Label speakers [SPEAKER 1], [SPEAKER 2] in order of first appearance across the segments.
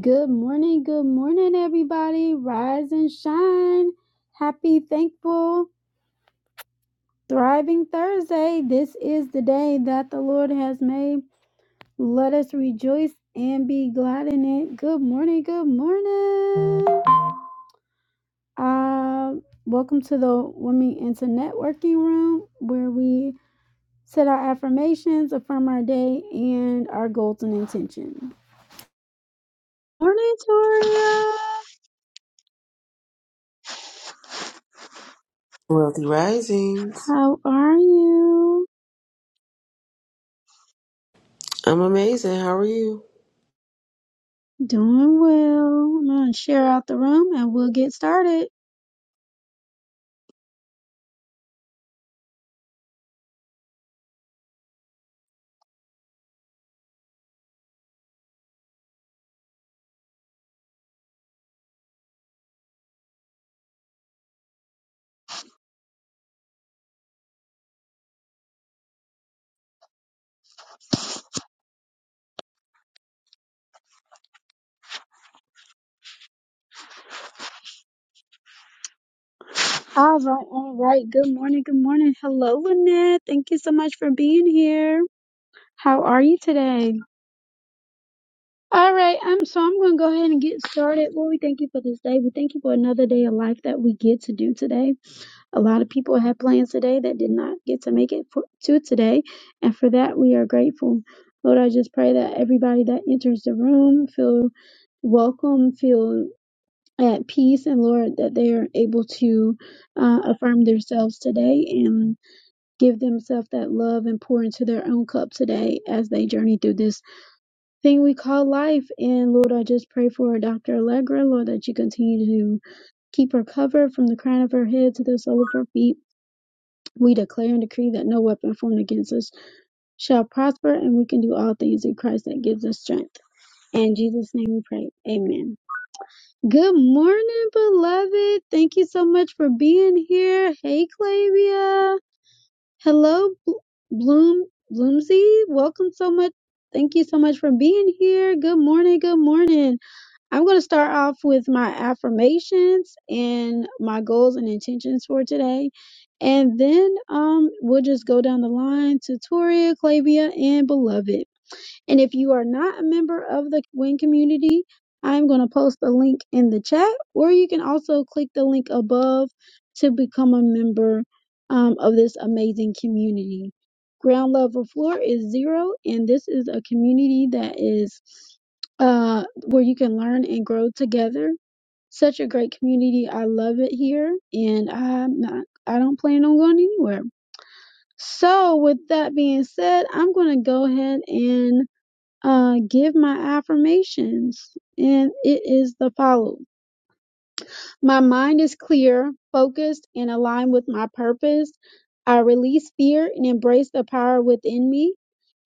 [SPEAKER 1] Good morning, good morning, everybody. Rise and shine. Happy, thankful, thriving Thursday. This is the day that the Lord has made. Let us rejoice and be glad in it. Good morning, good morning. Uh, welcome to the Women into Networking Room, where we set our affirmations, affirm our day, and our goals and intention. Morning, Toria.
[SPEAKER 2] Wealthy Risings.
[SPEAKER 1] How are you?
[SPEAKER 2] I'm amazing. How are you?
[SPEAKER 1] Doing well. I'm gonna share out the room and we'll get started. All right, all right. Good morning, good morning. Hello, Lynette. Thank you so much for being here. How are you today? All right, I'm so I'm gonna go ahead and get started. Lord, we thank you for this day. We thank you for another day of life that we get to do today. A lot of people had plans today that did not get to make it for, to today, and for that we are grateful. Lord, I just pray that everybody that enters the room feel welcome, feel at peace and Lord that they are able to uh, affirm themselves today and give themselves that love and pour into their own cup today as they journey through this thing we call life. And Lord, I just pray for Dr. Allegra, Lord, that you continue to keep her covered from the crown of her head to the sole of her feet. We declare and decree that no weapon formed against us shall prosper, and we can do all things in Christ that gives us strength. In Jesus' name we pray. Amen. Good morning, beloved. Thank you so much for being here. Hey, Clavia. Hello, Bl- Bloom Bloomsy. Welcome so much. Thank you so much for being here. Good morning. Good morning. I'm going to start off with my affirmations and my goals and intentions for today. And then um, we'll just go down the line to Toria, Clavia, and Beloved. And if you are not a member of the WIN community, I'm going to post the link in the chat, or you can also click the link above to become a member um, of this amazing community. Ground level floor is zero, and this is a community that is uh, where you can learn and grow together. Such a great community. I love it here, and I'm not, I don't plan on going anywhere. So, with that being said, I'm going to go ahead and uh, give my affirmations, and it is the following My mind is clear, focused, and aligned with my purpose. I release fear and embrace the power within me.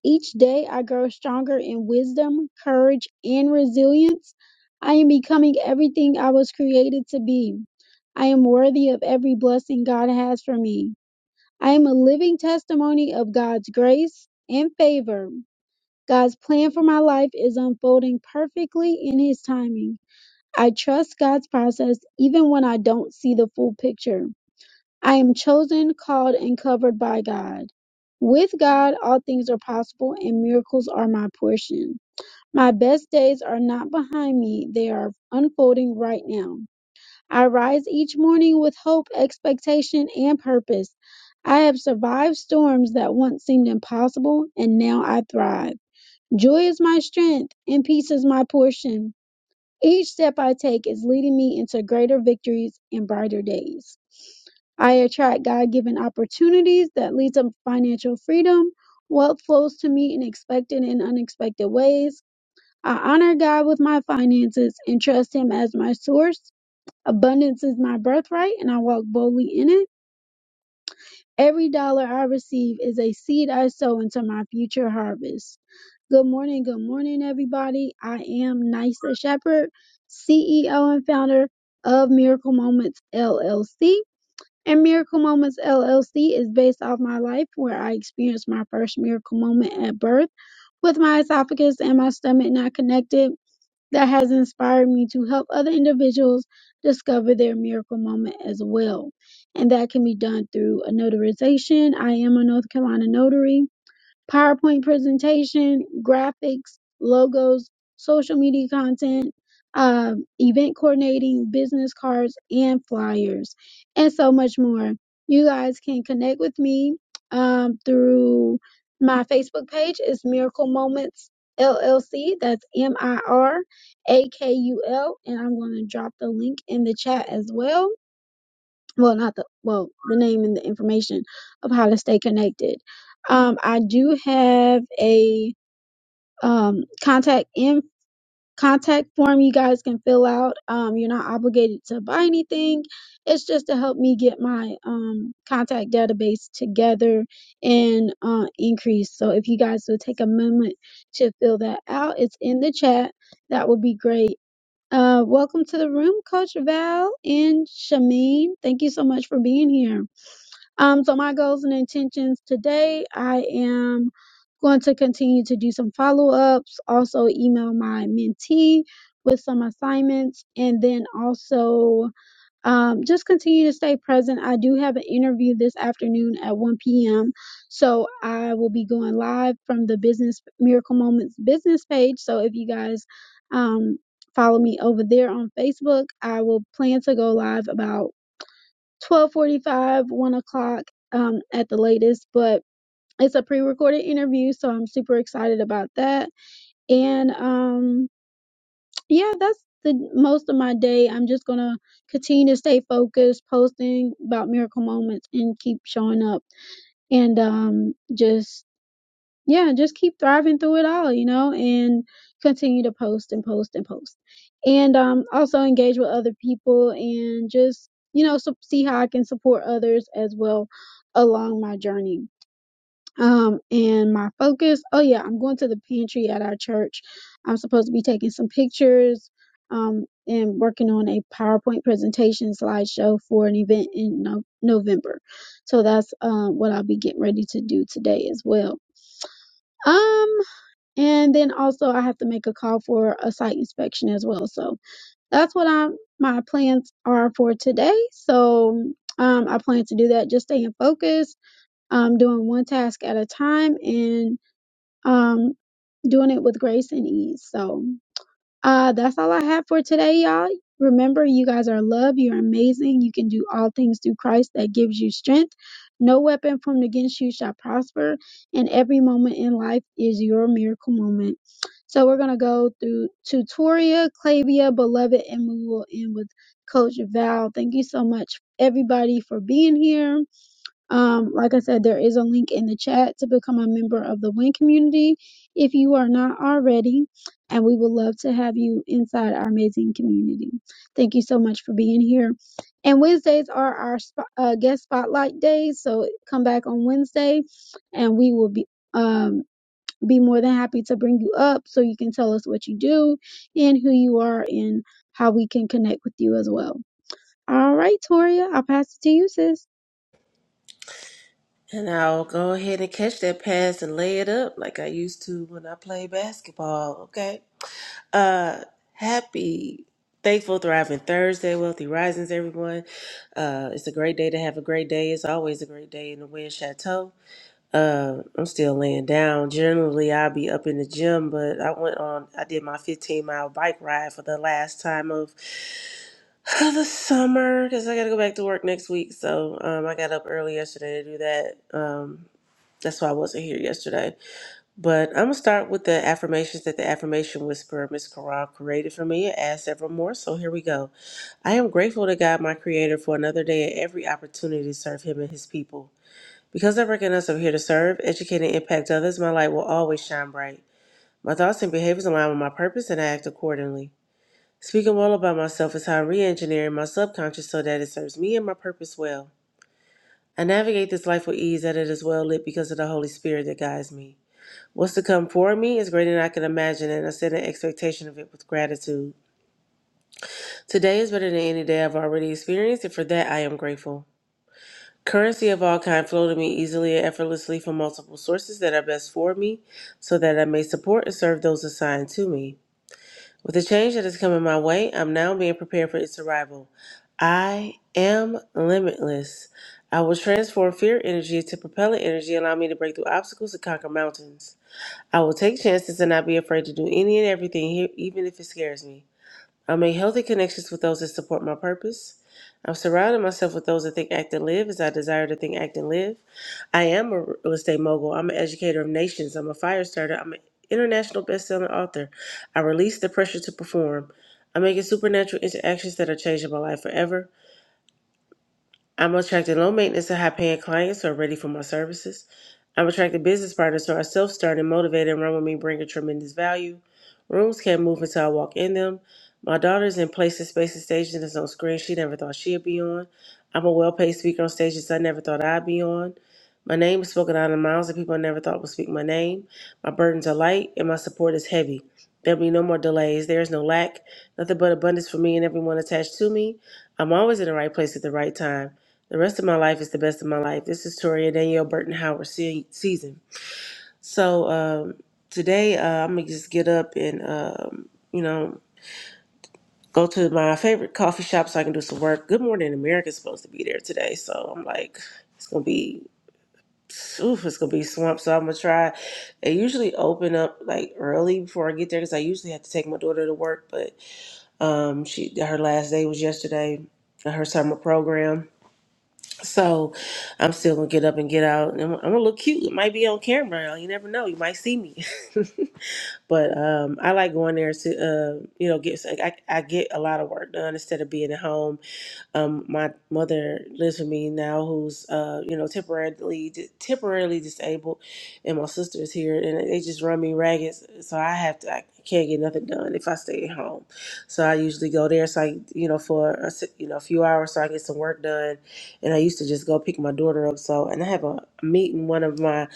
[SPEAKER 1] Each day, I grow stronger in wisdom, courage, and resilience. I am becoming everything I was created to be. I am worthy of every blessing God has for me. I am a living testimony of God's grace and favor. God's plan for my life is unfolding perfectly in His timing. I trust God's process even when I don't see the full picture. I am chosen, called, and covered by God. With God, all things are possible and miracles are my portion. My best days are not behind me, they are unfolding right now. I rise each morning with hope, expectation, and purpose. I have survived storms that once seemed impossible, and now I thrive. Joy is my strength, and peace is my portion. Each step I take is leading me into greater victories and brighter days. I attract God-given opportunities that lead to financial freedom. Wealth flows to me in expected and unexpected ways. I honor God with my finances and trust Him as my source. Abundance is my birthright, and I walk boldly in it. Every dollar I receive is a seed I sow into my future harvest. Good morning, good morning, everybody. I am Nysa Shepherd, CEO and founder of Miracle Moments LLC. And Miracle Moments LLC is based off my life where I experienced my first miracle moment at birth with my esophagus and my stomach not connected. That has inspired me to help other individuals discover their miracle moment as well. And that can be done through a notarization. I am a North Carolina notary PowerPoint presentation, graphics, logos, social media content, um, event coordinating, business cards, and flyers, and so much more. You guys can connect with me um, through my Facebook page. It's Miracle Moments LLC. That's M I R A K U L. And I'm going to drop the link in the chat as well well not the well the name and the information of how to stay connected um i do have a um contact in contact form you guys can fill out um you're not obligated to buy anything it's just to help me get my um contact database together and uh increase so if you guys would take a moment to fill that out it's in the chat that would be great uh welcome to the room coach val and shamin thank you so much for being here um, so my goals and intentions today, I am going to continue to do some follow-ups, also email my mentee with some assignments, and then also um, just continue to stay present. I do have an interview this afternoon at 1 p.m. So I will be going live from the business miracle moments business page. So if you guys um, follow me over there on Facebook, I will plan to go live about 12:45, 1 o'clock um, at the latest. But it's a pre-recorded interview, so I'm super excited about that. And um, yeah, that's the most of my day. I'm just gonna continue to stay focused, posting about miracle moments, and keep showing up, and um, just yeah, just keep thriving through it all, you know, and continue to post and post and post. And um, also engage with other people and just, you know, so see how I can support others as well along my journey. Um, and my focus oh, yeah, I'm going to the pantry at our church. I'm supposed to be taking some pictures um, and working on a PowerPoint presentation slideshow for an event in no- November. So that's um, what I'll be getting ready to do today as well. Um, and then also I have to make a call for a site inspection as well. So that's what I'm my plans are for today. So um I plan to do that just staying focused, um doing one task at a time and um doing it with grace and ease. So uh, that's all I have for today, y'all. Remember, you guys are loved. You're amazing. You can do all things through Christ that gives you strength. No weapon formed against you shall prosper. And every moment in life is your miracle moment. So we're going to go through Tutoria, Clavia, Beloved, and we will end with Coach Val. Thank you so much, everybody, for being here um, like I said, there is a link in the chat to become a member of the WIN community if you are not already, and we would love to have you inside our amazing community. Thank you so much for being here. And Wednesdays are our sp- uh, guest spotlight days, so come back on Wednesday, and we will be um be more than happy to bring you up so you can tell us what you do and who you are and how we can connect with you as well. All right, Toria, I'll pass it to you, sis.
[SPEAKER 2] And I'll go ahead and catch that pass and lay it up like I used to when I played basketball. Okay. Uh happy, thankful, thriving Thursday, Wealthy Risings, everyone. Uh it's a great day to have a great day. It's always a great day in the Wind Chateau. Uh I'm still laying down. Generally I'll be up in the gym, but I went on I did my fifteen mile bike ride for the last time of the summer because I got to go back to work next week. So um, I got up early yesterday to do that. Um, that's why I wasn't here yesterday. But I'm gonna start with the affirmations that the affirmation whisperer Miss Corral created for me and asked several more. So here we go. I am grateful to God, my Creator, for another day and every opportunity to serve Him and His people. Because I recognize I'm here to serve, educate, and impact others, my light will always shine bright. My thoughts and behaviors align with my purpose, and I act accordingly. Speaking well about myself is how I re engineer my subconscious so that it serves me and my purpose well. I navigate this life with ease that it is well lit because of the Holy Spirit that guides me. What's to come for me is greater than I can imagine, and I set an expectation of it with gratitude. Today is better than any day I've already experienced, and for that I am grateful. Currency of all kind flow to me easily and effortlessly from multiple sources that are best for me, so that I may support and serve those assigned to me. With the change that is coming my way, I'm now being prepared for its arrival. I am limitless. I will transform fear energy to propellant energy, allow me to break through obstacles and conquer mountains. I will take chances and not be afraid to do any and everything, he- even if it scares me. I make healthy connections with those that support my purpose. I'm surrounding myself with those that think, act, and live as I desire to think, act, and live. I am a real estate mogul. I'm an educator of nations. I'm a fire starter. I'm an international best-selling author. I release the pressure to perform. I'm making supernatural interactions that are changing my life forever. I'm attracting low maintenance and high paying clients who are ready for my services. I'm attracting business partners who are self starting, motivated, and run with me, bringing tremendous value. Rooms can't move until I walk in them. My daughter's in places, spaces, stages that's on screen she never thought she'd be on. I'm a well paid speaker on stages I never thought I'd be on. My name is spoken out in miles that people I never thought would speak my name. My burdens are light and my support is heavy. There'll be no more delays. There is no lack. Nothing but abundance for me and everyone attached to me. I'm always in the right place at the right time. The rest of my life is the best of my life. This is Toria Danielle Burton Howard se- season. So um, today uh, I'm gonna just get up and um, you know go to my favorite coffee shop so I can do some work. Good Morning America is supposed to be there today, so I'm like it's gonna be oof, it's gonna be swamp. So I'm gonna try. They usually open up like early before I get there because I usually have to take my daughter to work, but um, she her last day was yesterday. Her summer program So I'm still gonna get up and get out. and I'm, I'm gonna look cute. It might be on camera. You never know. You might see me. but um, I like going there to, uh, you know, get. like, I, I get a lot of work done instead of being at home um, my mother lives with me now, who's uh, you know temporarily temporarily disabled, and my sister is here, and they just run me ragged. So I have to, I can't get nothing done if I stay at home. So I usually go there, so I you know for a, s- you know a few hours, so I get some work done. And I used to just go pick my daughter up. So and I have a meeting one of my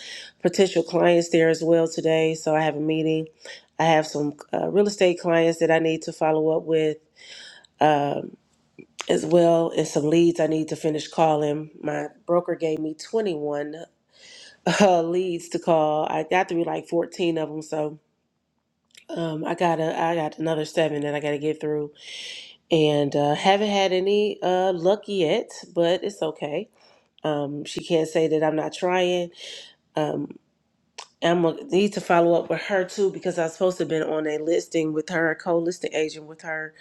[SPEAKER 2] potential clients there as well today. So I have a meeting. I have some uh, real estate clients that I need to follow up with um, as well as some leads I need to finish calling. My broker gave me 21 uh, leads to call. I got through like 14 of them, so um, I got a, I got another seven that I got to get through, and uh, haven't had any uh, luck yet, but it's okay. Um, she can't say that I'm not trying. Um, I'm gonna need to follow up with her too because I was supposed to have been on a listing with her, a co-listing agent with her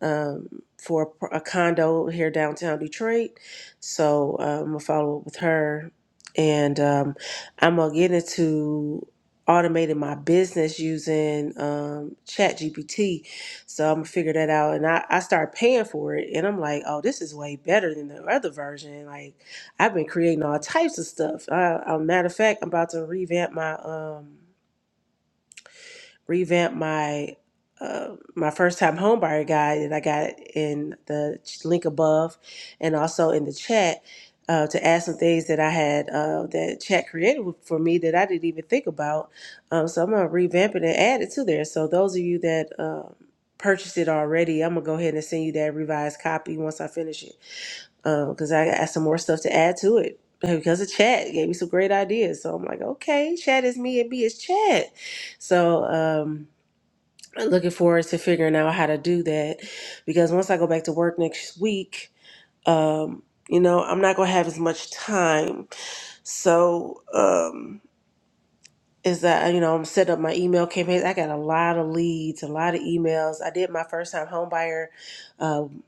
[SPEAKER 2] um, for a, a condo here downtown Detroit. So um, I'm gonna follow up with her, and um, I'm gonna get into automating my business using um, Chat GPT. So I'm gonna figure that out, and I, I start paying for it, and I'm like, oh, this is way better than the other version. Like I've been creating all types of stuff. I, I, matter of fact, I'm about to revamp my um revamp my uh, my first time homebuyer guide that I got in the link above and also in the chat uh, to add some things that I had uh, that chat created for me that I didn't even think about. Um, so I'm gonna revamp it and add it to there. So those of you that um purchased it already, I'm gonna go ahead and send you that revised copy once I finish it because I got some more stuff to add to it. uh, Because of chat gave me some great ideas, so I'm like, okay, chat is me and me is chat. So um, looking forward to figuring out how to do that because once I go back to work next week, um, you know, I'm not gonna have as much time. So um, is that you know I'm set up my email campaigns. I got a lot of leads, a lot of emails. I did my first time homebuyer um,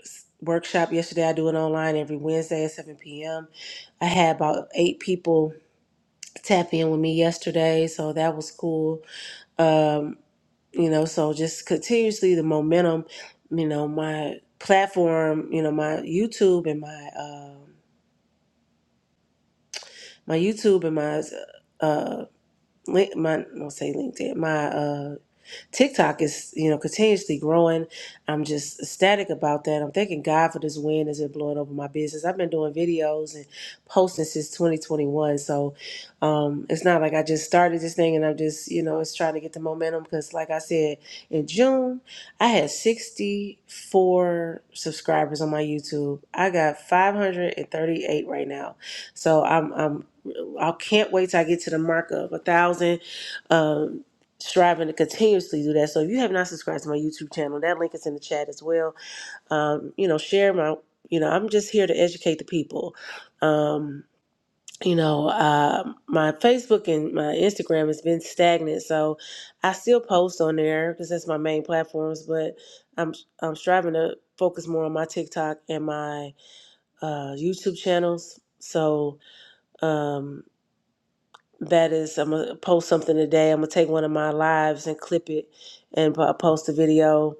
[SPEAKER 2] s- workshop yesterday. I do it online every Wednesday at 7 p.m. I had about eight people tap in with me yesterday, so that was cool um, you know, so just continuously the momentum, you know, my platform, you know, my YouTube and my um my YouTube and my uh link my I'll say LinkedIn, my uh, TikTok is, you know, continuously growing. I'm just ecstatic about that. I'm thanking God for this wind as it blowing over my business. I've been doing videos and posting since 2021. So um, it's not like I just started this thing and I'm just, you know, it's trying to get the momentum because, like I said, in June, I had 64 subscribers on my YouTube. I got 538 right now. So I'm, I'm I can't wait till I get to the mark of a thousand. um, striving to continuously do that. So if you have not subscribed to my YouTube channel, that link is in the chat as well. Um, you know, share my, you know, I'm just here to educate the people. Um, you know, uh, my Facebook and my Instagram has been stagnant, so I still post on there because that's my main platforms. But I'm I'm striving to focus more on my TikTok and my uh, YouTube channels. So um, that is i'm gonna post something today i'm gonna take one of my lives and clip it and po- post a video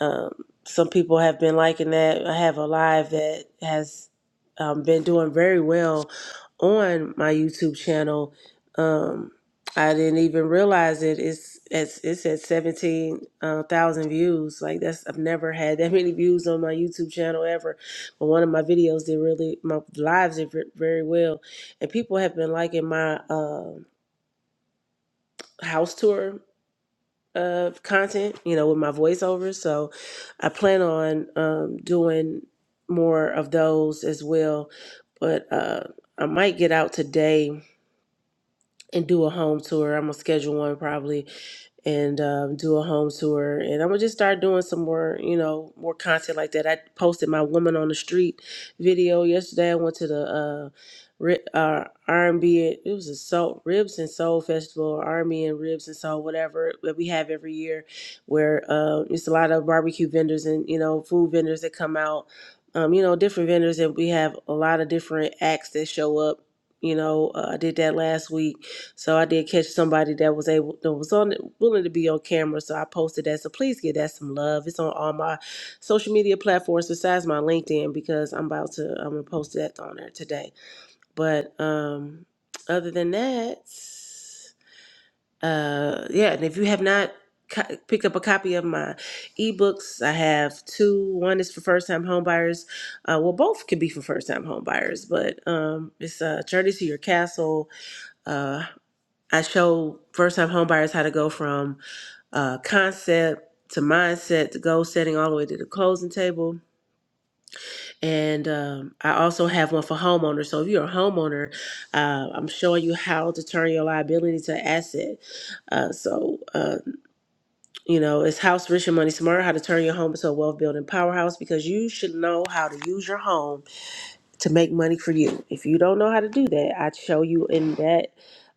[SPEAKER 2] um, some people have been liking that. I have a live that has um, been doing very well on my YouTube channel. Um, I didn't even realize it. It's it's it's at seventeen uh, thousand views. Like that's I've never had that many views on my YouTube channel ever. But one of my videos did really my lives did ver- very well, and people have been liking my uh, house tour of content, you know, with my voiceovers. So I plan on um, doing more of those as well. But uh, I might get out today and do a home tour. I'm gonna schedule one probably and um, do a home tour. And I'm gonna just start doing some more, you know, more content like that. I posted my woman on the street video yesterday. I went to the uh, ri- uh, R&B. It it was a soul ribs and soul festival, R&B and B and ribs and soul, whatever that we have every year, where uh, it's a lot of barbecue vendors and you know food vendors that come out. Um, you know, different vendors, and we have a lot of different acts that show up. You know, uh, I did that last week so I did catch somebody that was able that was on willing to be on camera. So I posted that. So please give that some love. It's on all my social media platforms besides my LinkedIn because I'm about to I'm gonna post that on there today. But um other than that, uh yeah, and if you have not co- picked up a copy of my ebooks i have two one is for first-time homebuyers uh, well both could be for first-time homebuyers but um, it's uh, journey to your castle uh, I show first time homebuyers how to go from uh, concept to mindset to goal setting all the way to the closing table. And um, I also have one for homeowners. So if you're a homeowner, uh, I'm showing you how to turn your liability to asset. Uh, so, uh, you know, it's House Rich and Money Smart, how to turn your home into a wealth building powerhouse because you should know how to use your home to make money for you. If you don't know how to do that, I'd show you in that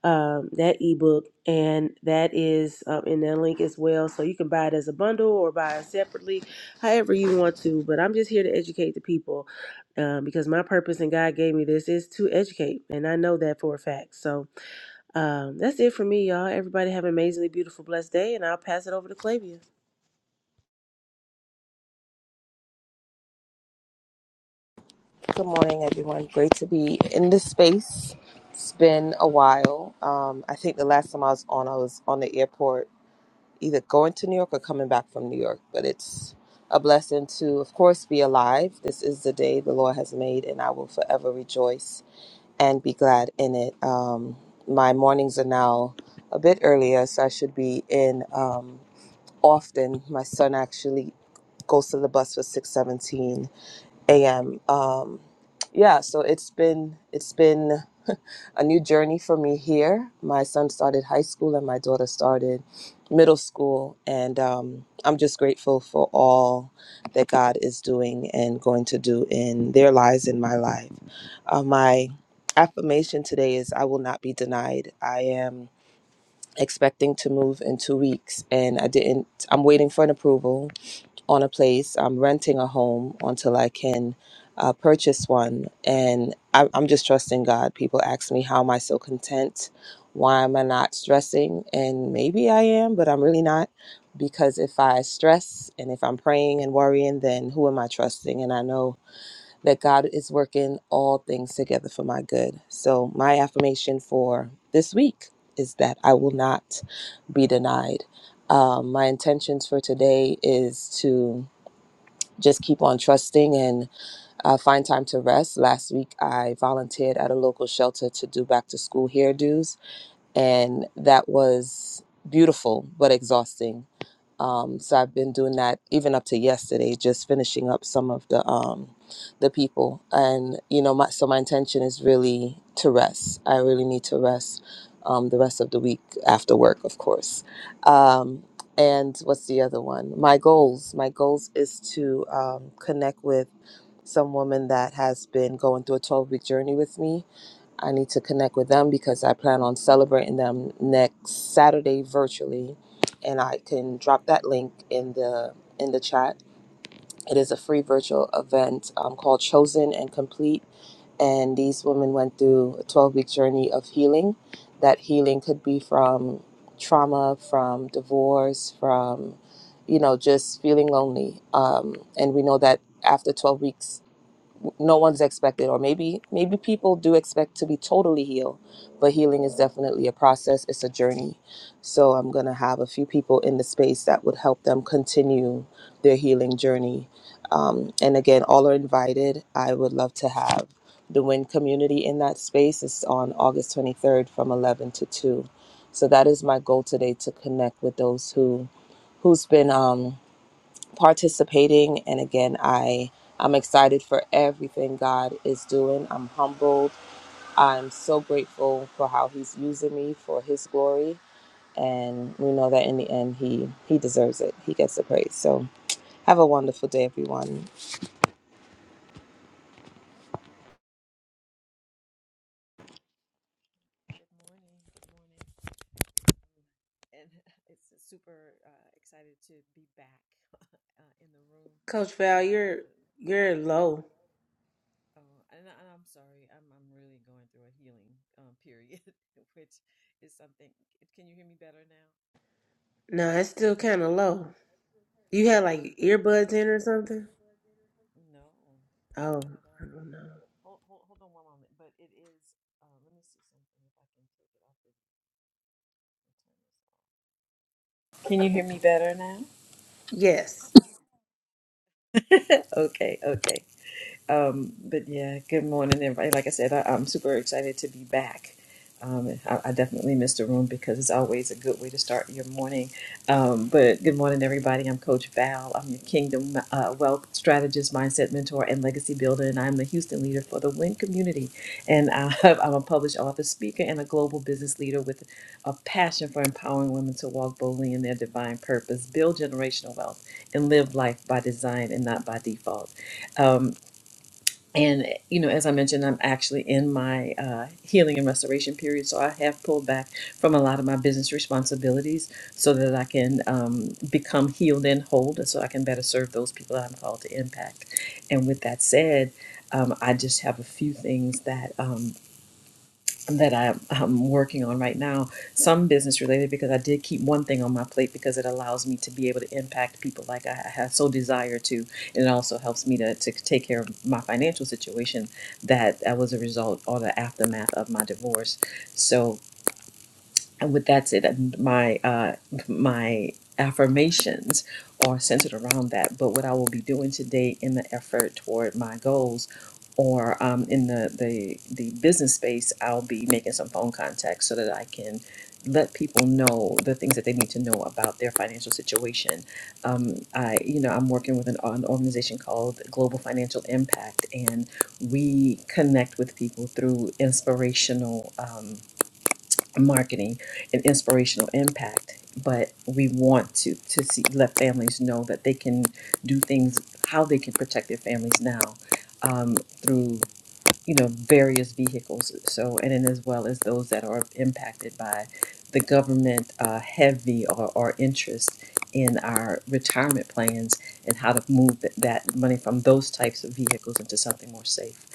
[SPEAKER 2] um, that ebook, and that is um, in that link as well. So you can buy it as a bundle or buy it separately, however you want to. But I'm just here to educate the people um, because my purpose and God gave me this is to educate, and I know that for a fact. So um, that's it for me, y'all. Everybody have an amazingly beautiful, blessed day, and I'll pass it over to Clavia.
[SPEAKER 3] Good morning, everyone. Great to be in this space. It's been a while. Um, I think the last time I was on, I was on the airport, either going to New York or coming back from New York. But it's a blessing to, of course, be alive. This is the day the Lord has made, and I will forever rejoice and be glad in it. Um, my mornings are now a bit earlier, so I should be in um, often. My son actually goes to the bus for 617 a.m. Um, yeah, so it's been it's been a new journey for me here. My son started high school and my daughter started middle school, and um, I'm just grateful for all that God is doing and going to do in their lives in my life. Uh, my affirmation today is I will not be denied. I am expecting to move in two weeks and i didn't i'm waiting for an approval on a place. I'm renting a home until I can uh, purchase one. And I, I'm just trusting God. People ask me, how am I so content? Why am I not stressing? And maybe I am, but I'm really not. Because if I stress and if I'm praying and worrying, then who am I trusting? And I know that God is working all things together for my good. So, my affirmation for this week is that I will not be denied. Um, my intentions for today is to just keep on trusting and uh, find time to rest. Last week, I volunteered at a local shelter to do back to school hairdos, and that was beautiful but exhausting. Um, so I've been doing that even up to yesterday, just finishing up some of the um, the people, and you know, my, so my intention is really to rest. I really need to rest um, the rest of the week after work, of course. Um, and what's the other one? My goals. My goals is to um, connect with some woman that has been going through a 12 week journey with me I need to connect with them because I plan on celebrating them next Saturday virtually, and I can drop that link in the in the chat. It is a free virtual event um, called Chosen and Complete, and these women went through a 12 week journey of healing. That healing could be from trauma, from divorce, from you know just feeling lonely. Um, and we know that after 12 weeks no one's expected or maybe maybe people do expect to be totally healed but healing is definitely a process it's a journey so i'm going to have a few people in the space that would help them continue their healing journey um, and again all are invited i would love to have the win community in that space it's on august 23rd from 11 to 2 so that is my goal today to connect with those who who's been um, participating. And again, I I'm excited for everything God is doing. I'm humbled. I'm so grateful for how He's using me for His glory, and we know that in the end, He He deserves it. He gets the praise. So have a wonderful day, everyone.
[SPEAKER 4] Good morning. Good morning. And it's super uh, excited to be back uh, in the room.
[SPEAKER 2] Coach Val,
[SPEAKER 4] I
[SPEAKER 2] you're
[SPEAKER 4] definitely.
[SPEAKER 2] you're low.
[SPEAKER 4] Oh, and, I, and I'm sorry. I'm I'm really going through a healing um, period, which is something. Can you hear me better now?
[SPEAKER 2] No, it's still kind of low. You had like
[SPEAKER 4] Uh oh.
[SPEAKER 2] earbuds in or something.
[SPEAKER 4] No,
[SPEAKER 2] Oh,
[SPEAKER 4] not at all.
[SPEAKER 2] I don't know.
[SPEAKER 4] Hold, hold hold on one moment. But it is. Uh, let me see something. If I can take it off and and turn this off. Can you hear me better now?
[SPEAKER 2] Yes.
[SPEAKER 4] okay, okay. Um, but yeah, good morning, everybody. Like I said, I, I'm super excited to be back. Um, I, I definitely missed the room because it's always a good way to start your morning. Um, but good morning, everybody. I'm Coach Val. I'm your Kingdom uh, Wealth Strategist, Mindset Mentor, and Legacy Builder, and I'm the Houston leader for the WIN community. And I I'm a published author, speaker, and a global business leader with a passion for empowering women to walk boldly in their divine purpose, build generational wealth, and live life by design and not by default. Um, and you know as i mentioned i'm actually in my uh, healing and restoration period so i have pulled back from a lot of my business responsibilities so that i can um, become healed and whole and so i can better serve those people that i'm called to impact and with that said um, i just have a few things that um, that I, I'm working on right now, some business related, because I did keep one thing on my plate because it allows me to be able to impact people like I have so desire to. And it also helps me to, to take care of my financial situation that, that was a result or the aftermath of my divorce. So and with that's it and my uh my affirmations are centered around that but what i will be doing today in the effort toward my goals or um, in the, the the business space i'll be making some phone contacts so that i can let people know the things that they need to know about their financial situation um, i you know i'm working with an, an organization called global financial impact and we connect with people through inspirational Um, marketing and inspirational impact but we want to to see let families know that they can do things how they can protect their families now um, through you know various vehicles so and then as well as those that are impacted by the government uh, heavy or, or interest in our retirement plans and how to move th- that money from those types of vehicles into something more safe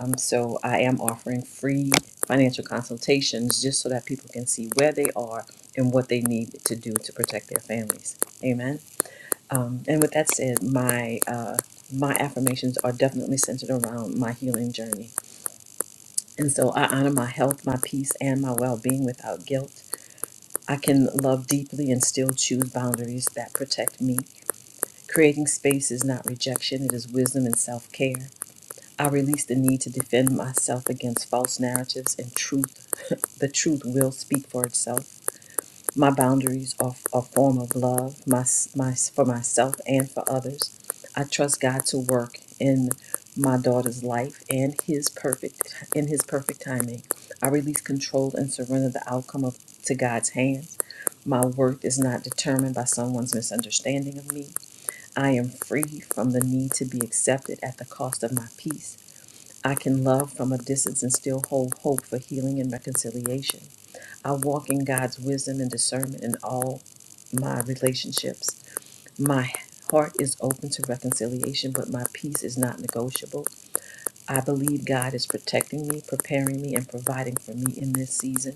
[SPEAKER 4] um, so i am offering free financial consultations just so that people can see where they are and what they need to do to protect their families amen um, and with that said my uh, my affirmations are definitely centered around my healing journey and so I honor my health, my peace, and my well being without guilt. I can love deeply and still choose boundaries that protect me. Creating space is not rejection, it is wisdom and self care. I release the need to defend myself against false narratives and truth. The truth will speak for itself. My boundaries are a form of love my, my, for myself and for others. I trust God to work in my daughter's life and his perfect in his perfect timing. I release control and surrender the outcome of to God's hands. My worth is not determined by someone's misunderstanding of me. I am free from the need to be accepted at the cost of my peace. I can love from a distance and still hold hope for healing and reconciliation. I walk in God's wisdom and discernment in all my relationships. My heart is open to reconciliation, but my peace is not negotiable. I believe God is protecting me, preparing me, and providing for me in this season.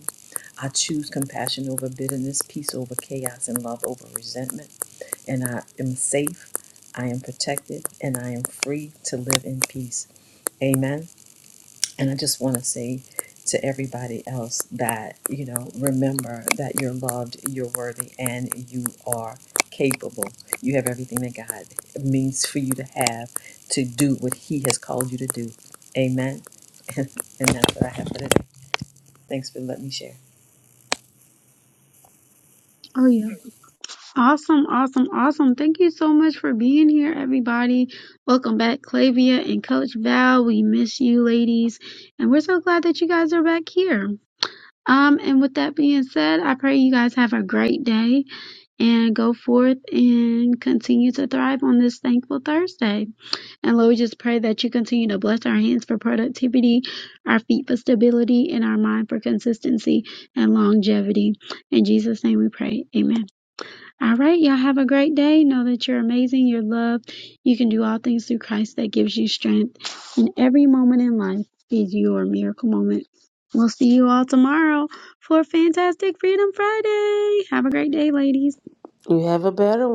[SPEAKER 4] I choose compassion over bitterness, peace over chaos, and love over resentment. And I am safe, I am protected, and I am free to live in peace. Amen. And I just want to say to everybody else that, you know, remember that you're loved, you're worthy, and you are capable. You have everything that God means for you to have to do what He has called you to do. Amen. and that's what I have for today. Thanks for letting me share.
[SPEAKER 1] Oh yeah. Awesome, awesome, awesome. Thank you so much for being here, everybody. Welcome back, Clavia and Coach Val. We miss you, ladies. And we're so glad that you guys are back here. Um, and with that being said, I pray you guys have a great day and go forth and continue to thrive on this thankful Thursday. And Lord, we just pray that you continue to bless our hands for productivity, our feet for stability, and our mind for consistency and longevity. In Jesus' name we pray. Amen. All right, y'all have a great day. Know that you're amazing, you're loved. You can do all things through Christ that gives you strength. And every moment in life is your miracle moment. We'll see you all tomorrow for Fantastic Freedom Friday. Have a great day, ladies.
[SPEAKER 2] You have a better